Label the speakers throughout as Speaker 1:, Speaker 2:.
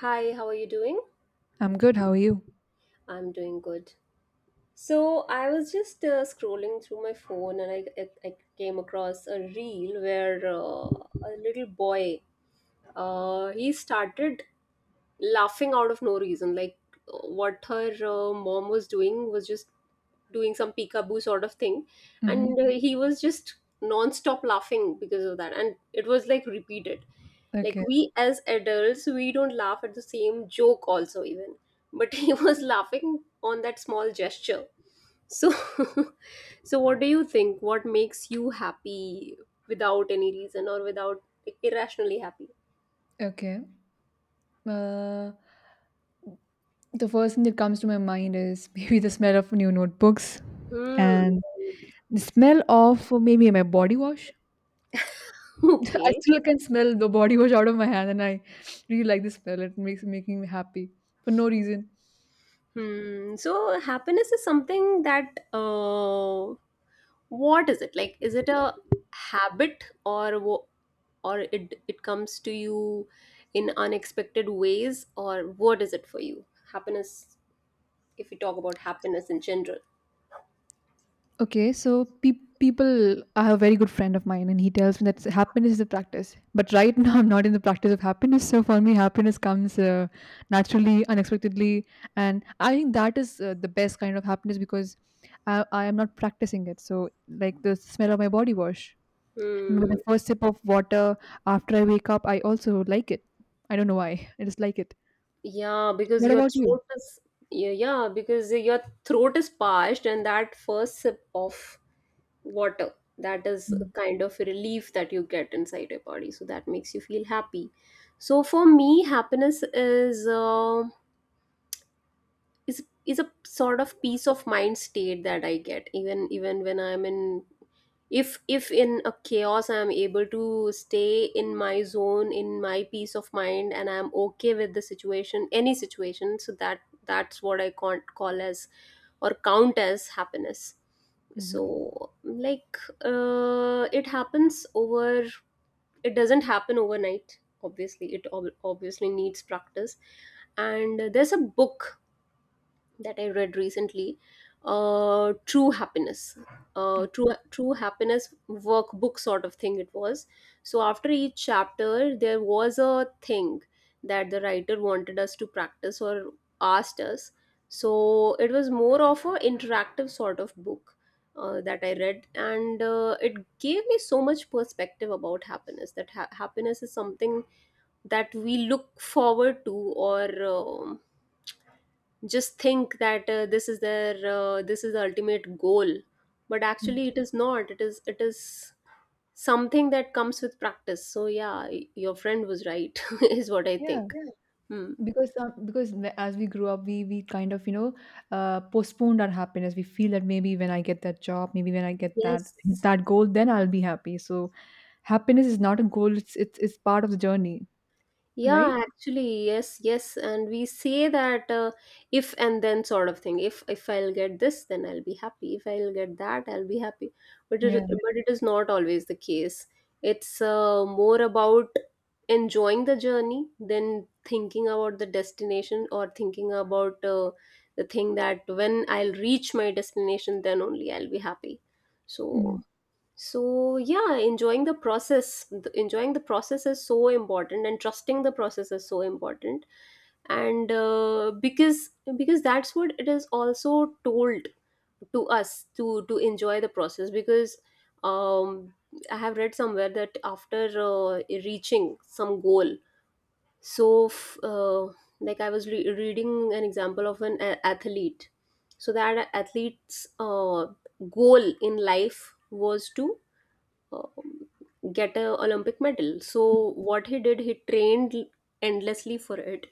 Speaker 1: Hi, how are you doing?
Speaker 2: I'm good. How are you?
Speaker 1: I'm doing good. So I was just scrolling through my phone and I came across a reel where a little boy he started laughing out of no reason. Like what her mom was doing was just doing some peekaboo sort of thing
Speaker 2: Hmm.
Speaker 1: and he was just non-stop laughing because of that, and it was like repeated. Like
Speaker 2: Okay.
Speaker 1: we as adults, we don't laugh at the same joke also even, but he was laughing on that small gesture. So so what do you think, what makes you happy without any reason, or without, irrationally happy?
Speaker 2: Okay. Uh, the first thing that comes to my mind is maybe the smell of new notebooks
Speaker 1: hmm
Speaker 2: and the smell of maybe my body wash. I
Speaker 1: okay
Speaker 2: still can smell the body wash out of my hand, and I really like the smell. It makes making me happy for no reason.
Speaker 1: So happiness is something that, what is it like, is it a habit or or it comes to you in unexpected ways, or what is it for you, happiness, if we talk about happiness in general?
Speaker 2: Okay, people, I have a very good friend of mine, and he tells me that happiness is a practice. But right now, I'm not in the practice of happiness. So for me, happiness comes naturally, unexpectedly, and I think that is the best kind of happiness because I am not practicing it. So like the smell of my body wash, and with the
Speaker 1: Hmm.
Speaker 2: first sip of water after I wake up, I also like it. I don't know why. I just like it.
Speaker 1: Yeah, because
Speaker 2: What
Speaker 1: your
Speaker 2: about you?
Speaker 1: throat is, yeah, yeah, because your throat is parched and that first sip of water, that is a kind of relief that you get inside your body, so that makes you feel happy. So for me, happiness is, is a sort of peace of mind state that I get, even when I'm in, if in a chaos I'm able to stay in my zone, in my peace of mind, and I'm okay with the situation, any situation, so that's what I can't call as or count as happiness.
Speaker 2: Mm-hmm.
Speaker 1: So like, it happens over, it doesn't happen overnight, obviously it obviously needs practice. And there's a book that I read recently, True Happiness,
Speaker 2: Okay.
Speaker 1: True Happiness workbook sort of thing it was. So after each chapter, there was a thing that the writer wanted us to practice or asked us. So it was more of a interactive sort of book. That I read, and it gave me so much perspective about happiness. That happiness is something that we look forward to, or just think that, this is their this is the ultimate goal, but
Speaker 2: Mm.
Speaker 1: actually it is not, it is it is. Something that comes with practice. So yeah, your friend was right is what I
Speaker 2: Yeah.
Speaker 1: think. Yeah. Hmm.
Speaker 2: Because as we grew up we kind of, you know, postponed our happiness. We feel that maybe when I get that job, maybe when I get that
Speaker 1: Yes.
Speaker 2: that goal, then I'll be happy. So happiness is not a goal. It's part of the journey, right?
Speaker 1: Yeah, actually, yes, yes, and we say that, if and then sort of thing. If I'll get this, then I'll be happy. If I'll get that, I'll be happy. But
Speaker 2: Yeah.
Speaker 1: it is not always the case. It's, more about enjoying the journey than thinking about the destination, or thinking about, the thing that when I'll reach my destination, then only I'll be happy.
Speaker 2: Mm.
Speaker 1: So yeah, enjoying the process, enjoying the process is so important, and trusting the process is so important. And because that's what it is also told to us, to enjoy the process. Because um, I have read somewhere that after reaching some goal, so like I was reading an example of an athlete. So that athlete's goal in life was to, um, get a olympic medal. So what he did, he trained endlessly for it,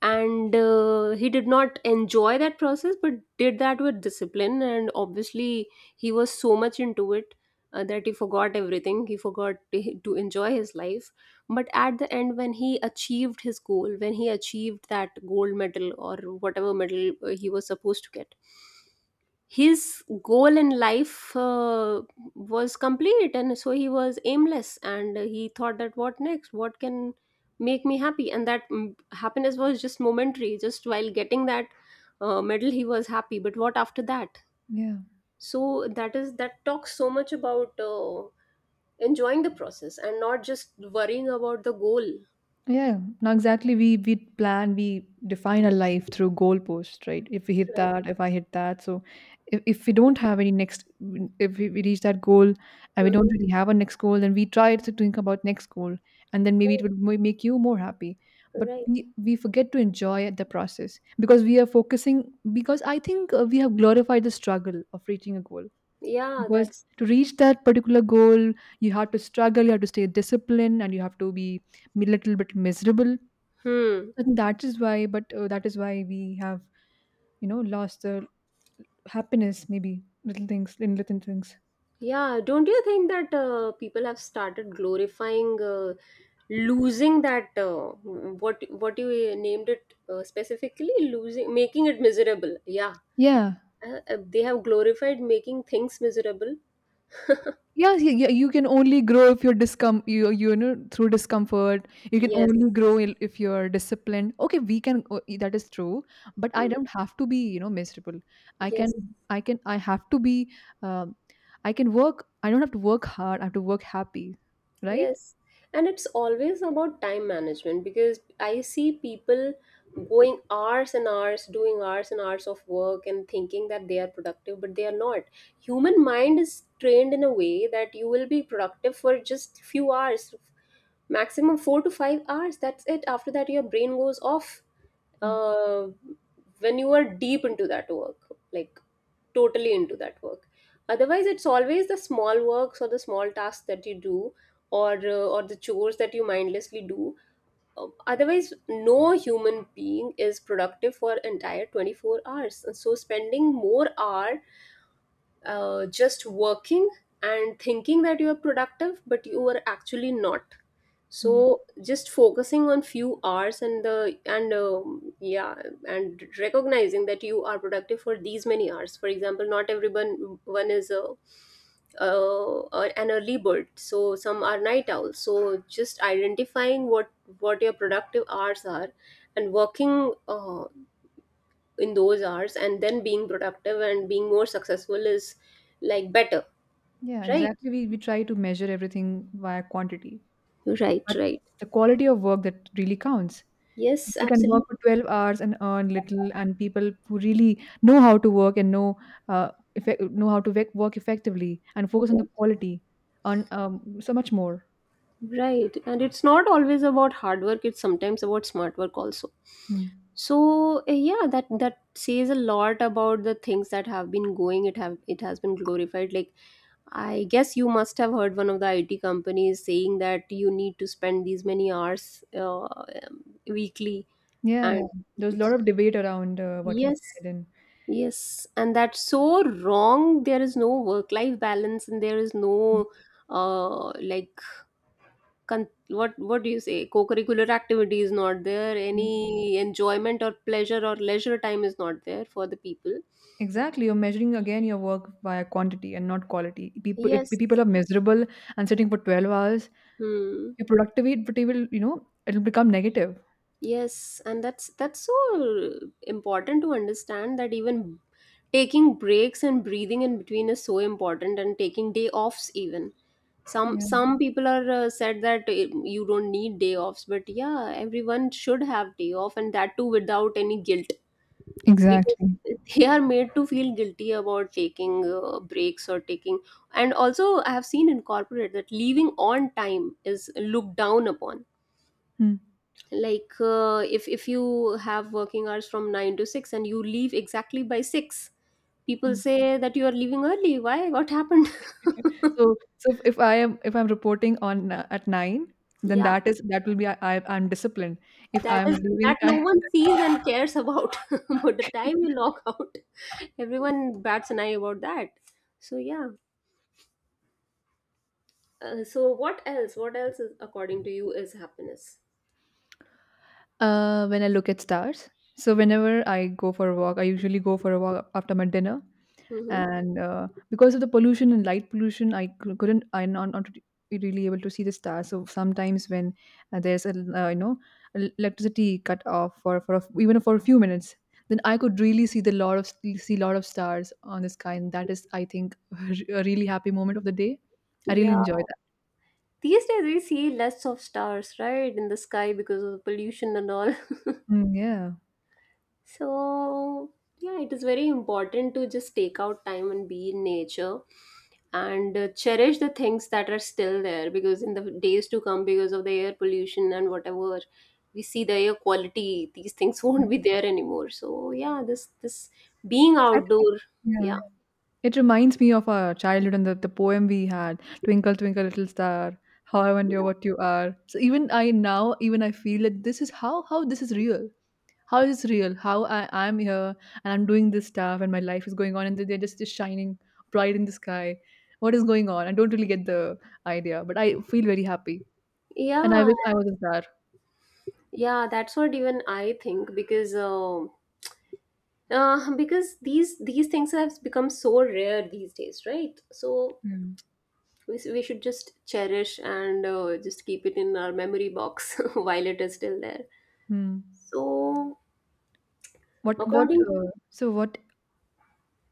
Speaker 1: and he did not enjoy that process, but did that with discipline, and obviously he was so much into it, that he forgot everything, he forgot to enjoy his life. But at the end, when he achieved his goal, when he achieved that gold medal or whatever medal he was supposed to get, his goal in life was complete, and so he was aimless, and he thought that what next, what can make me happy. And that, happiness was just momentary, just while getting that medal he was happy, but what after that?
Speaker 2: Yeah.
Speaker 1: So that is, that talks so much about enjoying the process and not just worrying about the goal.
Speaker 2: Yeah, now exactly. We plan, we define our life through goalposts, right? If we hit
Speaker 1: Right.
Speaker 2: that, if I hit that, so if we don't have any next, if we reach that goal and we
Speaker 1: Mhm.
Speaker 2: don't really have a next goal, then we try to think about next goal, and then maybe it would make you more happy. But
Speaker 1: Right.
Speaker 2: we forget to enjoy the process because we are focusing because I think we have glorified the struggle of reaching a goal,
Speaker 1: Yeah,
Speaker 2: because
Speaker 1: that's,
Speaker 2: to reach that particular goal, you have to struggle, you have to stay disciplined, and you have to be a little bit miserable.
Speaker 1: hmm.
Speaker 2: I think that is why, but that is why we have, you know, lost the happiness, maybe little things, in little things.
Speaker 1: Yeah, don't you think that, people have started glorifying, losing that, what you named it, specifically losing, making it miserable. Yeah,
Speaker 2: Yeah.
Speaker 1: they have glorified making things miserable.
Speaker 2: Yeah, yeah, yeah, you can only grow if you, you know, through discomfort. You can
Speaker 1: Yes.
Speaker 2: only grow if you're disciplined. Okay, we can o- I- that is true, but I
Speaker 1: Mm.
Speaker 2: don't have to be, you know, miserable. I can
Speaker 1: Yes.
Speaker 2: I can I have to be um, I can work. I don't have to work hard. I have to work happy, right?
Speaker 1: Yes, and it's always about time management, because I see people going hours and hours, doing hours and hours of work and thinking that they are productive, but they are not. Human mind is trained in a way that you will be productive for just few hours, maximum 4 to 5 hours, that's it. After that your brain goes off,
Speaker 2: Mm.
Speaker 1: uh, when you are deep into that work, like totally into that work. Otherwise it's always the small works or the small tasks that you do, or the chores that you mindlessly do. Otherwise no human being is productive for entire 24 hours. And so spending more hour, just working and thinking that you are productive, but you are actually not.
Speaker 2: Yeah,
Speaker 1: So just focusing on few hours, and the and yeah, and recognizing that you are productive for these many hours, for example. Not everyone one is a, an early bird, so some are night owls, so just identifying what your productive hours are, and working in those hours and then being productive and being more successful is like better.
Speaker 2: yeah,
Speaker 1: Right.
Speaker 2: exactly. We try to measure everything via quantity,
Speaker 1: right
Speaker 2: but
Speaker 1: right
Speaker 2: it's the quality of work that really counts.
Speaker 1: Yes,
Speaker 2: People can work
Speaker 1: absolutely.
Speaker 2: for 12 hours and earn little, and people who really know how to work and know uh, know how to work effectively and focus on the quality on so much more.
Speaker 1: Right. And it's not always about hard work, it's sometimes about smart work also.
Speaker 2: Hmm.
Speaker 1: So yeah, that that says a lot about the things that have been going. It have, it has been glorified. Like, I guess you must have heard one of the IT companies saying that you need to spend these many hours, weekly,
Speaker 2: Yeah, yeah.
Speaker 1: and
Speaker 2: There's a lot
Speaker 1: it's,
Speaker 2: of debate around what he
Speaker 1: yes,
Speaker 2: said, and
Speaker 1: yes, and that's so wrong. There is no work life balance, and there is no, like, what do you say? Co-curricular activity is not there.
Speaker 2: mhm,
Speaker 1: Any enjoyment or pleasure or leisure time is not there for the people.
Speaker 2: exactly, you're measuring again your work via quantity and not quality. People, if
Speaker 1: Yes.
Speaker 2: people are miserable and sitting for 12 hours,
Speaker 1: Hmm.
Speaker 2: your productivity will, you know, it'll become negative.
Speaker 1: Yes, and that's so important to understand that even taking breaks and breathing in between is so important, and taking day offs even.
Speaker 2: Yeah,
Speaker 1: Some people are, said that, you don't need day offs, but yeah, everyone should have day off, and that too without any guilt, because
Speaker 2: exactly.
Speaker 1: they are made to feel guilty about taking breaks or taking. And also I have seen in corporate that leaving on time is looked down upon.
Speaker 2: Hmm.
Speaker 1: Like, if you have working hours from 9 to 6, and you leave exactly by 6, people say that you are leaving early, why, what happened?
Speaker 2: So so if I am if I'm reporting on at 9, then
Speaker 1: Yeah,
Speaker 2: that will be I'm disciplined. If
Speaker 1: that
Speaker 2: I'm
Speaker 1: is
Speaker 2: leaving
Speaker 1: that
Speaker 2: at
Speaker 1: no one sees and cares about, but the time you log out, everyone bats an eye about that. So yeah. So what else? What else is according to you is happiness?
Speaker 2: when I look at stars. So whenever I go for a walk, I usually go for a walk after my dinner.
Speaker 1: Mm-hmm.
Speaker 2: And because of the pollution and light pollution, couldn't, I'm not really able to see the stars. So sometimes when there's a you know, electricity cut off for even for a few minutes, then I could really see lot of stars on the sky, and that is, I think, a really happy moment of the day. I really
Speaker 1: Yeah.
Speaker 2: enjoy that.
Speaker 1: These days we see less of stars, right, in the sky, because of the pollution and all.
Speaker 2: Mm, yeah.
Speaker 1: So, yeah, it is very important to just take out time and be in nature and cherish the things that are still there, because in the days to come, because of the air pollution and whatever we see, the air quality, these things won't
Speaker 2: Mm.
Speaker 1: be there anymore. So, yeah, this being
Speaker 2: I
Speaker 1: outdoor,
Speaker 2: think yeah.
Speaker 1: yeah.
Speaker 2: It reminds me of our childhood and the poem we had, Twinkle, Twinkle, Little Star, How I Wonder
Speaker 1: Yeah,
Speaker 2: What You Are. So even I now, even I feel that this is how this is real. How is this real? How I'm here and I'm doing this stuff and my life is going on and they're just shining bright in the sky. What is going on? I don't really get the idea, but I feel very happy. And I
Speaker 1: yeah.
Speaker 2: wish I was a star.
Speaker 1: Yeah, that's what even I think, because these things have become so rare these days, right? So
Speaker 2: Mm.
Speaker 1: we, we should just cherish and just keep it in our memory box while it is still there.
Speaker 2: Hmm.
Speaker 1: So
Speaker 2: What what
Speaker 1: according.
Speaker 2: uh, so what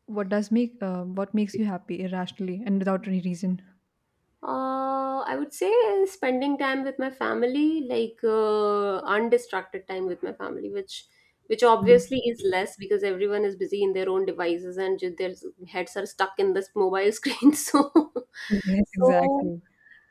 Speaker 2: what does make what makes you happy irrationally and without any reason?
Speaker 1: I would say spending time with my family, like undistracted time with my family, which obviously is
Speaker 2: Mm.
Speaker 1: less, because everyone is busy in their own devices and their heads are stuck in this mobile screen. So,
Speaker 2: Yes,
Speaker 1: so
Speaker 2: exactly.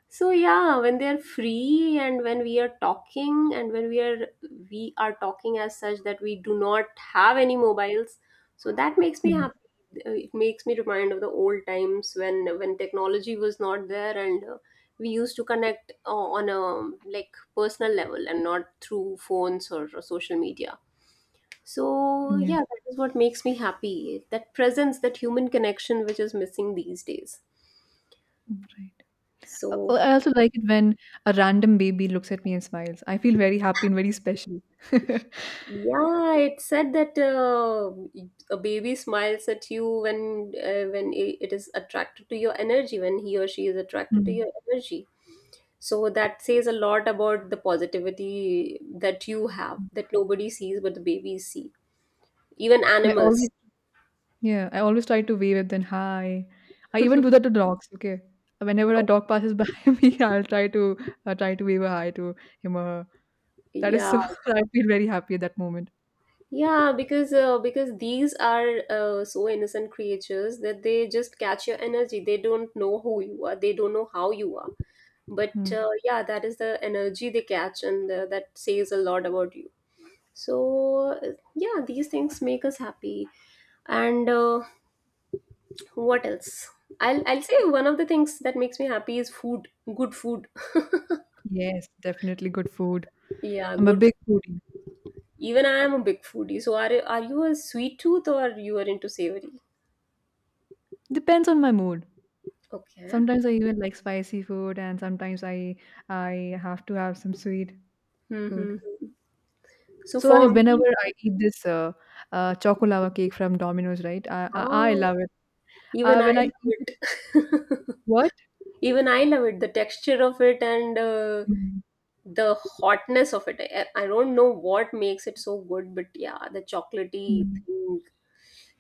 Speaker 1: so yeah, when they're free and when we are talking and when we are talking as such that we do not have any mobiles, so that makes me
Speaker 2: Mhm.
Speaker 1: happy. It makes me remind of the old times when technology was not there, and we used to connect on a like personal level, and not through phones, or social media. So
Speaker 2: Yeah,
Speaker 1: yeah, that is what makes me happy. That presence, that human connection, which is missing these days.
Speaker 2: right.
Speaker 1: So.
Speaker 2: I also like it when a random baby looks at me and smiles. I feel very happy and very special.
Speaker 1: Yeah, it said that, a baby smiles at you when, when it is attracted to your energy, when he or she is attracted to
Speaker 2: Mm.
Speaker 1: your energy. So that says a lot about the positivity that you have, that nobody sees but the babies see. Even
Speaker 2: I
Speaker 1: animals.
Speaker 2: always, yeah, I always try to wave at them, hi. I even do that to dogs, okay? Whenever a dog passes by me, I'll try to try to wave a hi to him or her. That is
Speaker 1: Yeah,
Speaker 2: so, I feel very happy at that moment.
Speaker 1: yeah, because these are, so innocent creatures that they just catch your energy. They don't know who you are. They don't know how you are, but
Speaker 2: Mm.
Speaker 1: yeah, that is the energy they catch, and that says a lot about you. So yeah, these things make us happy. And what else? I'll say one of the things that makes me happy is food. Good food.
Speaker 2: Yes, definitely good food.
Speaker 1: Yeah,
Speaker 2: I'm a
Speaker 1: good.
Speaker 2: big foodie.
Speaker 1: Even I am a big foodie. So are you a sweet tooth, or you are into savory?
Speaker 2: Depends on my mood.
Speaker 1: Okay.
Speaker 2: Sometimes I even like spicy food, and sometimes I have to have some sweet food.
Speaker 1: Mm-hmm. So
Speaker 2: So I,
Speaker 1: for
Speaker 2: whenever
Speaker 1: me,
Speaker 2: I eat this choco lava cake from Domino's, right? I
Speaker 1: oh,
Speaker 2: love it.
Speaker 1: even I
Speaker 2: When I
Speaker 1: love
Speaker 2: eat it,
Speaker 1: it.
Speaker 2: what?
Speaker 1: Even I love it, the texture of it, and
Speaker 2: Mm,
Speaker 1: the hotness of it. I don't know what makes it so good, but yeah, the chocolatey
Speaker 2: mm,
Speaker 1: thing.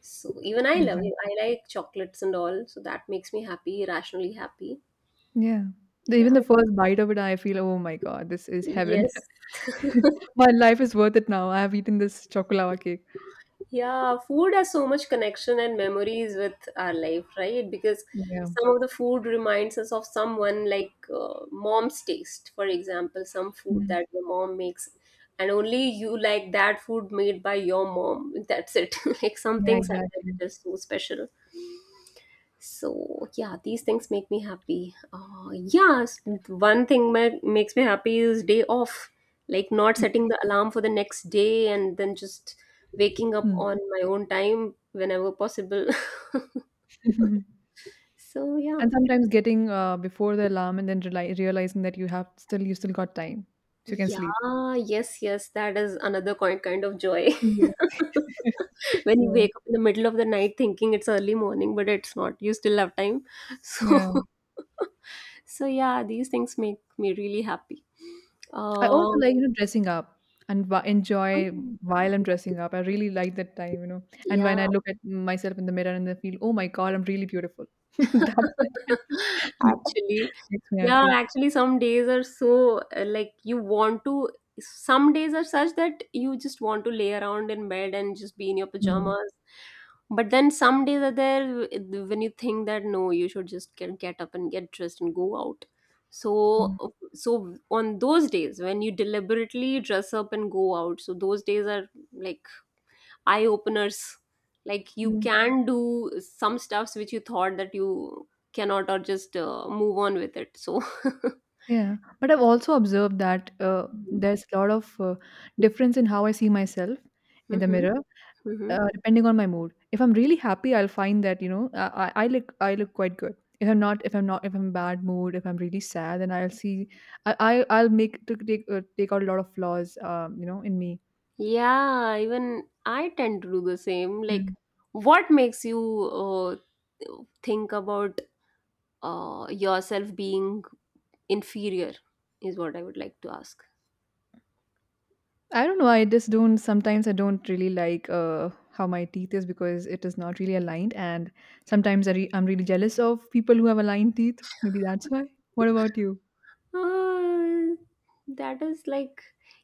Speaker 1: So even I love it.
Speaker 2: exactly.
Speaker 1: I like chocolates and all, so that makes me happy, rationally happy.
Speaker 2: Yeah. Even
Speaker 1: Yeah.
Speaker 2: the first bite of it, I feel, oh my god, this is heaven.
Speaker 1: Yes.
Speaker 2: My life is worth it now. I have eaten this choco lava cake.
Speaker 1: Yeah, food has so much connection and memories with our life, right? Because
Speaker 2: Yeah.
Speaker 1: some of the food reminds us of someone, like mom's taste, for example. Some food
Speaker 2: Mm.
Speaker 1: that your mom makes, and only you like that food made by your mom. That's it. Like some
Speaker 2: Yeah.
Speaker 1: things are
Speaker 2: Exactly.
Speaker 1: just so special. So yeah, these things make me happy. Yeah, one thing that makes me happy is day off, like not setting the alarm for the next day and then just waking up
Speaker 2: Mm.
Speaker 1: on my own time whenever possible. So yeah.
Speaker 2: And sometimes getting before the alarm and then realizing that you have still you still got time, so you can sleep.
Speaker 1: Yeah, yes, yes, that is another kind of joy.
Speaker 2: Yeah.
Speaker 1: When you
Speaker 2: Yeah.
Speaker 1: wake up in the middle of the night thinking it's early morning, but it's not. You still have time. So
Speaker 2: Yeah.
Speaker 1: so yeah, these things make me really happy.
Speaker 2: I also
Speaker 1: Um,
Speaker 2: like, you know, dressing up and wa enjoy
Speaker 1: Mm.
Speaker 2: while I'm dressing up. I really like that time, you know. And
Speaker 1: Yeah.
Speaker 2: when I look at myself in the mirror and I feel, oh my God, I'm really beautiful. That, that
Speaker 1: Actually,
Speaker 2: makes me
Speaker 1: yeah,
Speaker 2: happy.
Speaker 1: actually, some days are so like you want to. Some days are such that you just want to lay around in bed and just be in your
Speaker 2: Mm,
Speaker 1: pajamas. But then some days are there when you think that no, you should just get up and get dressed and go out. So,
Speaker 2: mm,
Speaker 1: on those days when you deliberately dress up and go out, so those days are like eye openers, like you
Speaker 2: mm.
Speaker 1: can do some stuffs which you thought that you cannot, or just move on with it. So hmm.
Speaker 2: Yeah. But I've also observed that there's a lot of difference in how I see myself in the
Speaker 1: Hmm.
Speaker 2: mirror,
Speaker 1: Mm-hmm.
Speaker 2: Depending on my mood. If I'm really happy, I'll find that, you know, I look quite good. If I'm not, if I'm not, if I'm in bad mood, if I'm really sad, then I'll see, I'll make to take take out a lot of flaws, you know, in me.
Speaker 1: Yeah, even I tend to do the same.
Speaker 2: Yeah.
Speaker 1: Like, what makes you think about yourself being inferior is what I would like to ask.
Speaker 2: I don't know. I just don't. Sometimes I don't really like how my teeth is because it is not really aligned, and sometimes I'm really jealous of people who have aligned teeth. Maybe that's why. What about you?
Speaker 1: Uh, that is like,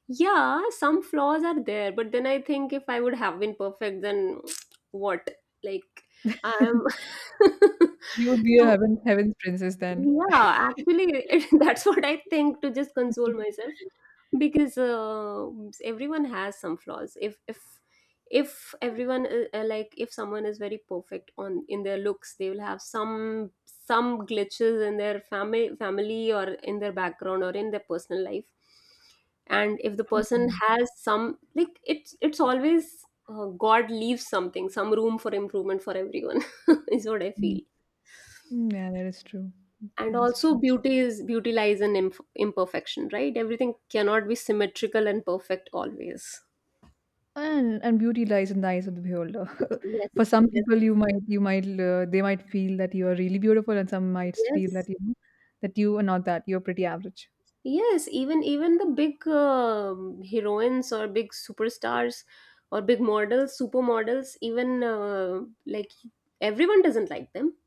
Speaker 1: yeah, some flaws are there, but then I think if I would have been perfect, then what? Like, I'm
Speaker 2: You would be a
Speaker 1: so
Speaker 2: heaven's princess then.
Speaker 1: yeah, actually, it, that's what I think to just console myself, because everyone has some flaws, if if everyone like, if someone is very perfect on in their looks, they will have some glitches in their family or in their background or in their personal life, and if the person has some, like, it's always god leaves something, some room for improvement for everyone, is what I
Speaker 2: Yeah.
Speaker 1: feel.
Speaker 2: Mm, yeah, that is true. Mm,
Speaker 1: And
Speaker 2: that is
Speaker 1: also,
Speaker 2: true.
Speaker 1: beauty lies in imperfection, right? Everything cannot be symmetrical and perfect always.
Speaker 2: And beauty lies in the eyes of the beholder.
Speaker 1: Yes.
Speaker 2: For some
Speaker 1: Yes.
Speaker 2: people, you might they might feel that you are really beautiful, and some might feel that
Speaker 1: Yes.
Speaker 2: you know that you are not that. You're pretty average.
Speaker 1: Yes, even the big heroines or big superstars, or big models, supermodels, even like, everyone doesn't like them.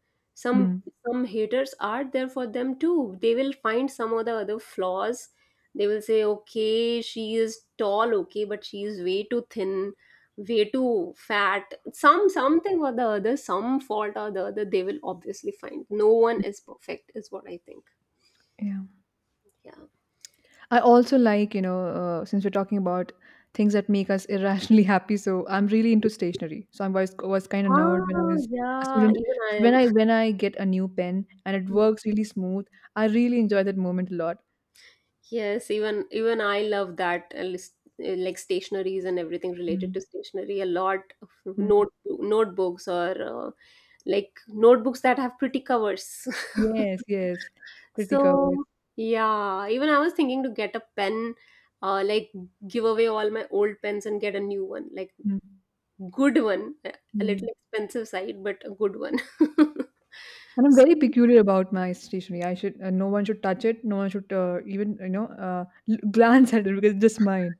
Speaker 2: Hmm.
Speaker 1: Some some haters are there for them too. They will find some of the other flaws. They will say, okay, she is tall, okay, but she is way too thin, way too fat. Something or the other, some fault or the other, they will obviously find. No one is perfect, is what I think.
Speaker 2: Yeah.
Speaker 1: Yeah.
Speaker 2: I also like, you know, since we're talking about things that make us irrationally happy. So I'm really into stationery. So I was kind of nerd when I
Speaker 1: Ah,
Speaker 2: was a
Speaker 1: yeah,
Speaker 2: student.
Speaker 1: even I
Speaker 2: So when
Speaker 1: am.
Speaker 2: I get a new pen and it
Speaker 1: Hmm.
Speaker 2: works really smooth, I really enjoy that moment a lot.
Speaker 1: Yes, even I love that like, stationaries and everything related
Speaker 2: Mm.
Speaker 1: to stationery, a lot of notebooks, or uh, like, notebooks that have pretty covers.
Speaker 2: Yes, yes. Critic always.
Speaker 1: So, yeah, even I was thinking to get a pen, like, give away all my old pens and get a new one, like,
Speaker 2: Mm,
Speaker 1: good one, a little
Speaker 2: mm.
Speaker 1: expensive side, but a good one.
Speaker 2: And I'm very
Speaker 1: So
Speaker 2: peculiar about my stationery. I should no one should touch it. No one should even, you know, glance at it because it's just mine.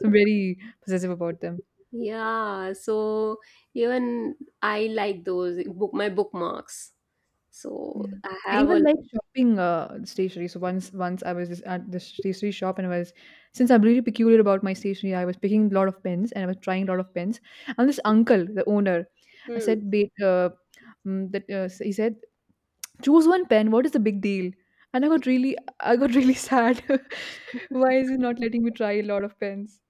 Speaker 2: So I'm very possessive about them.
Speaker 1: yeah, so even I like those book my bookmarks. So
Speaker 2: Yeah.
Speaker 1: I
Speaker 2: I
Speaker 1: have
Speaker 2: even
Speaker 1: a...
Speaker 2: like shopping stationery. So once I was just at the stationery shop and I was since I'm really peculiar about my stationery, I was picking a lot of pens and I was trying a lot of pens. And this uncle, the owner, I
Speaker 1: Hmm.
Speaker 2: said, "Babe, mm, that he said, choose one pen. What is the big deal? And I got really, I got really sad. Why is he not letting me try a lot of pens?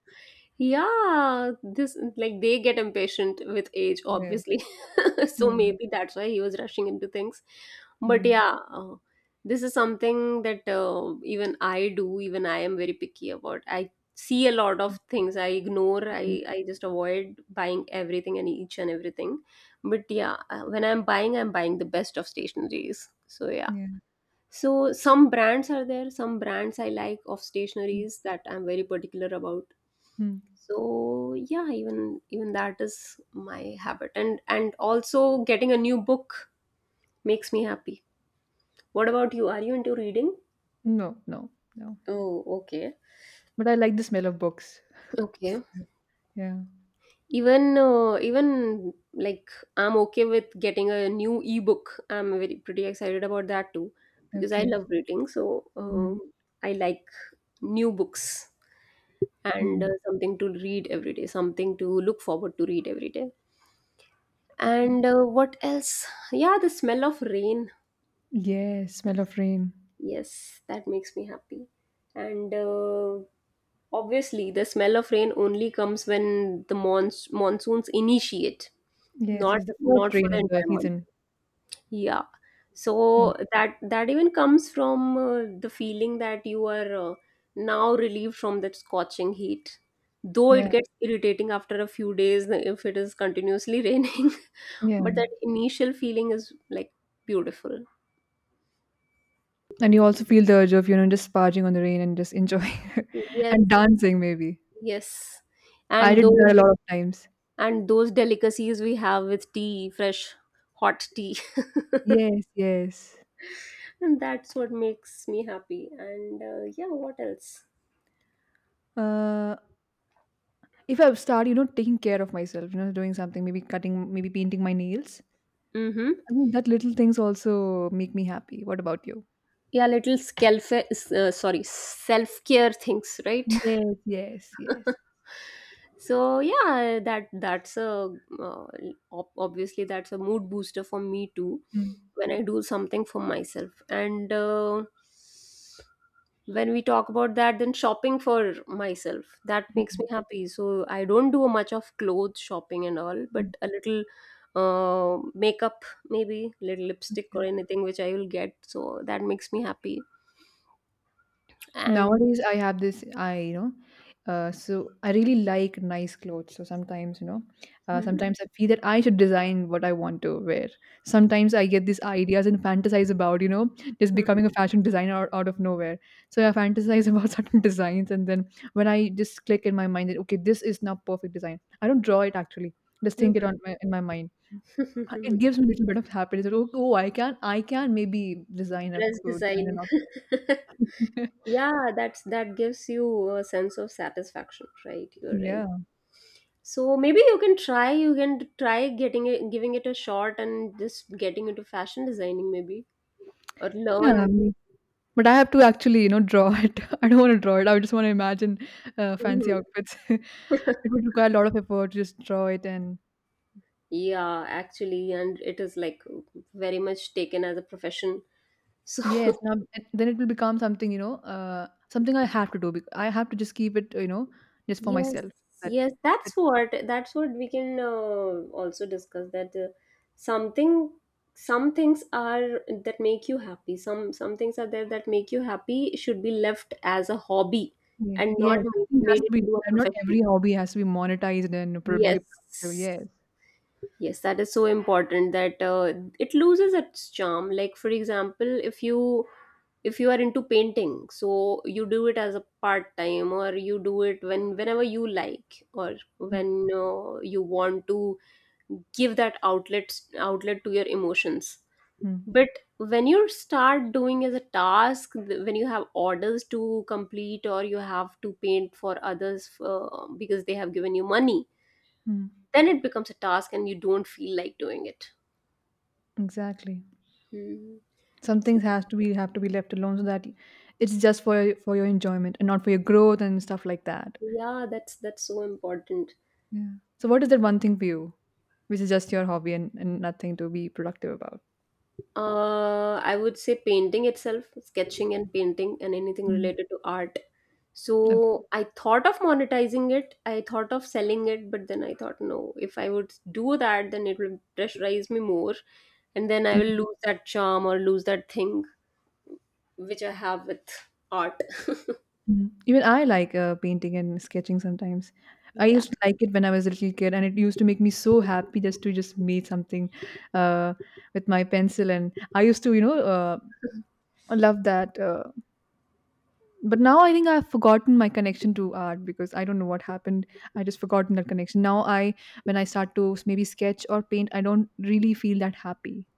Speaker 1: Yeah, this, like, they get impatient with age,
Speaker 2: Yes.
Speaker 1: obviously. So
Speaker 2: Hmm.
Speaker 1: maybe that's why he was rushing into things. But
Speaker 2: Hmm.
Speaker 1: yeah, this is something that even I do, even I am very picky about. I see a lot of things I ignore.
Speaker 2: Hmm.
Speaker 1: I just avoid buying everything and each and everything. But yeah, when I'm buying the best of stationeries. So yeah.
Speaker 2: Yeah.
Speaker 1: So some brands are there, some brands I like of
Speaker 2: Hmm.
Speaker 1: stationeries that I'm very particular about.
Speaker 2: Hmm.
Speaker 1: So yeah, even that is my habit. And also, getting a new book makes me happy. What about you? Are you into reading?
Speaker 2: No, no, no,
Speaker 1: Oh, okay.
Speaker 2: but I like the smell of books.
Speaker 1: Okay,
Speaker 2: Yeah.
Speaker 1: even, like, I'm okay with getting a new ebook. I'm very pretty excited about that too, because I
Speaker 2: Okay.
Speaker 1: love reading. So
Speaker 2: Hmm.
Speaker 1: I like new books, and
Speaker 2: Hmm.
Speaker 1: something to read every day, something to look forward to read every day.
Speaker 2: Okay.
Speaker 1: And what else? Yeah, the smell of rain.
Speaker 2: Yes, smell of rain.
Speaker 1: Yes, that makes me happy. And obviously, the smell of rain only comes when the monsoons initiate,
Speaker 2: Yes,
Speaker 1: not
Speaker 2: yes, the first
Speaker 1: not for
Speaker 2: rain
Speaker 1: the
Speaker 2: of the
Speaker 1: entire month.
Speaker 2: season.
Speaker 1: Yeah.
Speaker 2: Yeah,
Speaker 1: So that even comes from the feeling that you are now relieved from that scorching heat. Though it
Speaker 2: yeah,
Speaker 1: gets irritating after a few days if it is continuously raining, but
Speaker 2: yeah.
Speaker 1: that initial feeling is, like, beautiful.
Speaker 2: And you also feel the urge of, you know, just sparging on the rain and just enjoying
Speaker 1: Yes,
Speaker 2: and dancing maybe.
Speaker 1: yes.
Speaker 2: I
Speaker 1: And
Speaker 2: did
Speaker 1: though
Speaker 2: that a lot of times.
Speaker 1: and those delicacies we have with tea, fresh hot tea.
Speaker 2: Yes, yes.
Speaker 1: And that's what makes me happy. And yeah, what else?
Speaker 2: Uh, if I start, you know, taking care of myself, you know, doing something, maybe cutting, maybe painting my nails,
Speaker 1: Mm-hmm.
Speaker 2: I think that little things also make me happy. What about you?
Speaker 1: Yeah, little self-care things, right?
Speaker 2: Yes, yes, yes.
Speaker 1: So yeah, that's a uh, obviously that's a mood booster for me too,
Speaker 2: Mm.
Speaker 1: when I do something for myself. And when we talk about that, then shopping for myself, that makes me happy. So I don't do much of clothes shopping and all,
Speaker 2: Mm,
Speaker 1: but a little makeup, maybe little lipstick or
Speaker 2: okay.
Speaker 1: anything which I will get, so that makes me happy. And
Speaker 2: Nowadays, I have this, I, you know, so I really like nice clothes. So sometimes, sometimes I feel that I should design what I want to wear. Sometimes I get these ideas and fantasize about, you know, just becoming a fashion designer out of nowhere. So I fantasize about certain designs, and then when I just click in my mind that okay, this is now perfect design. I don't draw it actually; just think it on in my mind. It gives me a little bit of happiness. That, oh, I can maybe
Speaker 1: dress
Speaker 2: design an
Speaker 1: design.
Speaker 2: outfit.
Speaker 1: Yeah, that gives you a sense of satisfaction, right? You're right.
Speaker 2: Yeah.
Speaker 1: So maybe you can try getting it giving it a shot and just getting into fashion designing, maybe, or
Speaker 2: Yeah,
Speaker 1: learn.
Speaker 2: me. But I have to actually, you know, draw it. I don't want to draw it. I just want to imagine fancy
Speaker 1: Mhm.
Speaker 2: outfits. It would require a lot of effort to just draw it. And
Speaker 1: Yeah, actually, and it is, like, very much taken as a profession.
Speaker 2: yes,
Speaker 1: So
Speaker 2: now and then it will become something, you know, something I have to do. I have to just keep it, you know, just for
Speaker 1: yes,
Speaker 2: myself. That,
Speaker 1: yes,
Speaker 2: that
Speaker 1: that's what we can also discuss, that something, some things are that make you happy. Some things are there that make you happy should be left as a hobby
Speaker 2: yeah,
Speaker 1: and
Speaker 2: yes,
Speaker 1: not
Speaker 2: something has
Speaker 1: made
Speaker 2: to
Speaker 1: it
Speaker 2: be.
Speaker 1: into a
Speaker 2: And not every
Speaker 1: profession.
Speaker 2: hobby has to be monetized and be productive.
Speaker 1: Yes.
Speaker 2: Yes.
Speaker 1: Yes, that is so important that it loses its charm. Like, for example, if you are into painting, so you do it as a part time, or you do it whenever you like, or when you want to give that outlet to your emotions,
Speaker 2: Mm,
Speaker 1: but when you start doing as a task, when you have orders to complete, or you have to paint for others, because they have given you money,
Speaker 2: mm,
Speaker 1: then it becomes a task and you don't feel like doing it.
Speaker 2: exactly.
Speaker 1: Hmm.
Speaker 2: Some
Speaker 1: So
Speaker 2: things has to be have to be left alone so that it's just for for your enjoyment and not for your growth and stuff like that.
Speaker 1: yeah, that's so important.
Speaker 2: Yeah. So what is that one thing for you, which is just your hobby and, nothing to be productive about?
Speaker 1: I would say painting itself, sketching and painting, and anything
Speaker 2: Mm.
Speaker 1: related to art.
Speaker 2: Okay.
Speaker 1: So I thought of monetizing it. I thought of selling it, but then I thought, no, if I would do that, then it will pressurize me more, and then I will
Speaker 2: Mhm,
Speaker 1: lose that charm or lose that thing which I have with art.
Speaker 2: mhm. Even I like painting and sketching sometimes. I
Speaker 1: Yeah.
Speaker 2: used to like it when I was a little kid, and it used to make me so happy just to just make something uh, with my pencil. And I used to, I love that. But now I think I've forgotten my connection to art because I don't know what happened. I just forgotten that connection. When I start to maybe sketch or paint, I don't really feel that happy.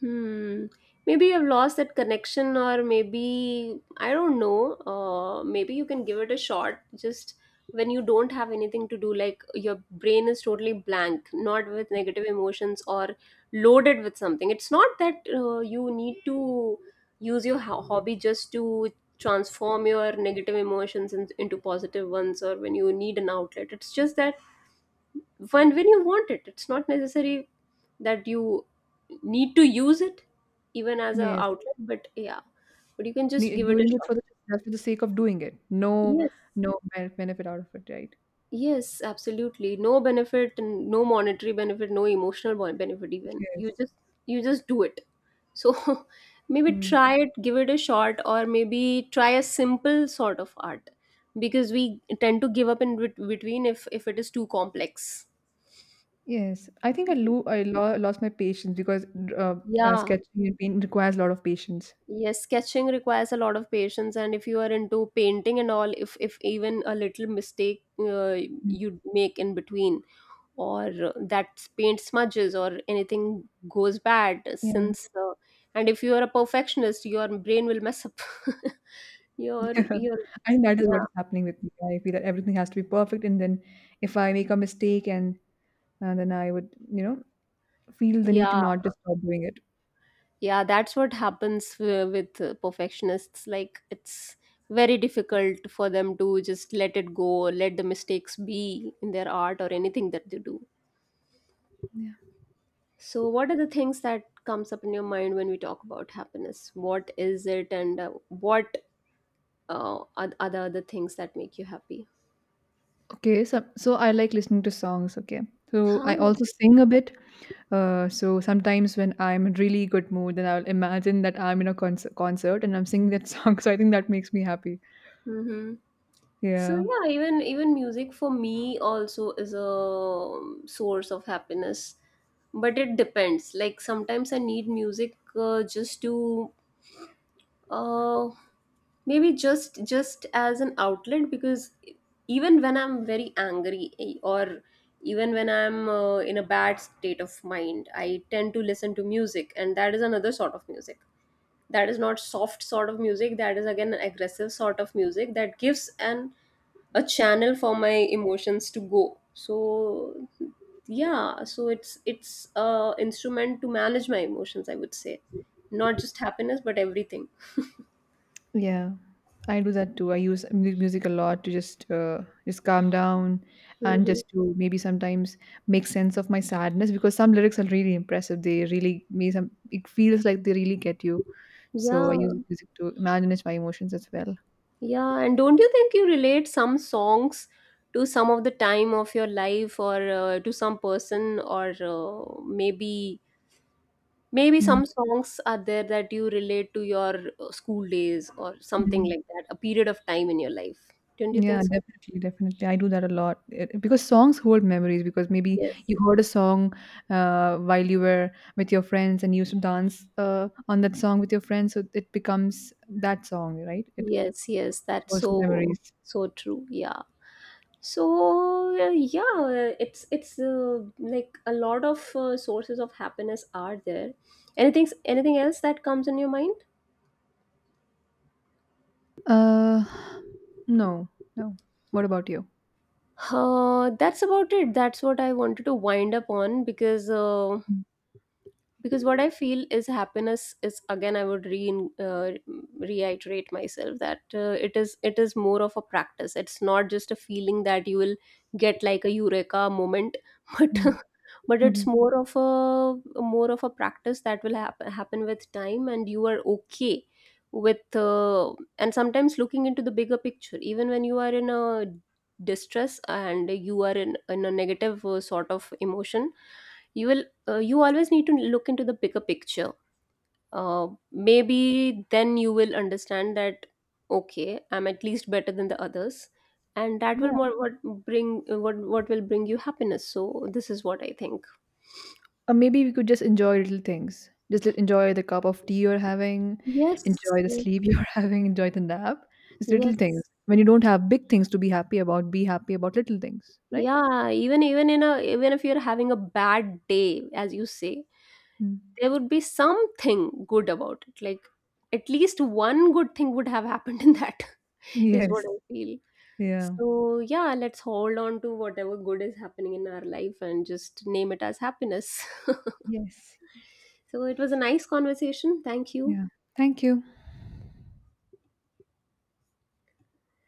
Speaker 1: Hmm. Maybe you have lost that connection, or maybe I don't know. Maybe you can give it a shot. Just when you don't have anything to do, like your brain is totally blank, not with negative emotions or loaded with something. It's not that you need to use your hobby just to transform your negative emotions into positive ones, or when you need an outlet. It's just that when you want it, it's not necessary that you need to use it, even as a
Speaker 2: Yes.
Speaker 1: outlet. But yeah, but you can just
Speaker 2: Nee
Speaker 1: give it a
Speaker 2: doing it
Speaker 1: shot.
Speaker 2: for the just for the sake of doing it. No,
Speaker 1: Yes.
Speaker 2: no benefit out of it, right?
Speaker 1: Yes, absolutely no benefit, and no monetary benefit, no emotional benefit, even
Speaker 2: Yes.
Speaker 1: you just do it. So maybe
Speaker 2: Mm.
Speaker 1: try it, give it a shot, or maybe try a simple sort of art, because we tend to give up in between if it is too complex.
Speaker 2: Yes. I think I lo lost my patience because, uh,
Speaker 1: Yeah.
Speaker 2: sketching and paint requires a lot of patience.
Speaker 1: Yes, sketching requires a lot of patience, and if you are into painting and all, if even a little mistake
Speaker 2: Mm.
Speaker 1: you make in between, or that paint smudges or anything goes bad,
Speaker 2: Yeah.
Speaker 1: since and if you are a perfectionist, your brain will mess up. your
Speaker 2: Yeah.
Speaker 1: your
Speaker 2: I think that is what
Speaker 1: yeah.
Speaker 2: is happening with me. I feel that everything has to be perfect, and then if I make a mistake and then I would, you know, feel the need to
Speaker 1: Yeah.
Speaker 2: not just stop doing it.
Speaker 1: Yeah, that's what happens with perfectionists. Like, it's very difficult for them to just let it go, let the mistakes be in their art or anything that they do.
Speaker 2: Yeah.
Speaker 1: So, what are the things that comes up in your mind when we talk about happiness? What is it, and what are the other things that make you happy?
Speaker 2: Okay, so I like listening to songs, okay. So I
Speaker 1: How?
Speaker 2: also sing a bit. So sometimes when I'm in really good mood, then I'll imagine that I'm in a concert and I'm singing that song. So I think that makes me happy.
Speaker 1: Hmm. So
Speaker 2: Yeah,
Speaker 1: yeah, even music for me also is a source of happiness, but it depends. Like, sometimes I need music just to uh, maybe just as an outlet, because even when I'm very angry, or even when I'm in a bad state of mind, I tend to listen to music, and that is another sort of music, that is not soft sort of music, that is again an aggressive sort of music that gives an a channel for my emotions to go. So yeah, so it's a instrument to manage my emotions, I would say, not just happiness but everything.
Speaker 2: yeah, I do that too. I use music a lot to just calm down and
Speaker 1: Hmm.
Speaker 2: just to maybe sometimes make sense of my sadness because some lyrics are really impressive. They really me some. It feels like they really get you. So I
Speaker 1: Yeah.
Speaker 2: use music to manage my emotions as well.
Speaker 1: Yeah, and don't you think you relate some songs to some of the time of your life, or to some person, or maybe some songs are there that you relate to your school days or something
Speaker 2: Mm.
Speaker 1: like that, a period of time in your life. Don't you
Speaker 2: Yeah,
Speaker 1: think so?
Speaker 2: definitely, definitely. I do that a lot because songs hold memories. Because maybe
Speaker 1: Yes.
Speaker 2: you heard a song while you were with your friends and you used to dance on that song with your friends, so it becomes that song, right? It
Speaker 1: Yes, yes, that's
Speaker 2: holds the memories.
Speaker 1: so true. Yeah. So yeah, it's like, a lot of sources of happiness are there. Anything else that comes in your mind?
Speaker 2: Uh, no, no. What about you?
Speaker 1: That's about it. That's what I wanted to wind up on, because what I feel is, happiness is again, I would re uh, reiterate myself, that it is more of a practice. It's not just a feeling that you will get like a eureka moment. but but it's
Speaker 2: Mm-hmm.
Speaker 1: more of a practice that will happen with time, and you are okay with, and sometimes looking into the bigger picture, even when you are in a distress and you are in a negative sort of emotion, you always need to look into the bigger picture. Maybe then you will understand that, okay, I'm at least better than the others, and that will more what bring what will bring you happiness. So this is what I think.
Speaker 2: Or maybe we could just enjoy little things. Just enjoy the cup of tea you're having,
Speaker 1: Yes.
Speaker 2: enjoy the
Speaker 1: Yes.
Speaker 2: sleep you're having, enjoy the nap. It's little things.
Speaker 1: Yes.
Speaker 2: When you don't have big things to be happy about little things, right?
Speaker 1: Yeah, even if you're having a bad day, as you say,
Speaker 2: Mm.
Speaker 1: there would be something good about it, like, at least one good thing would have happened in that, is what
Speaker 2: Yes.
Speaker 1: I feel.
Speaker 2: Yeah.
Speaker 1: So, yeah, let's hold on to whatever good is happening in our life and just name it as happiness.
Speaker 2: Yes.
Speaker 1: So, it was a nice conversation. Thank you.
Speaker 2: Yeah. Thank you.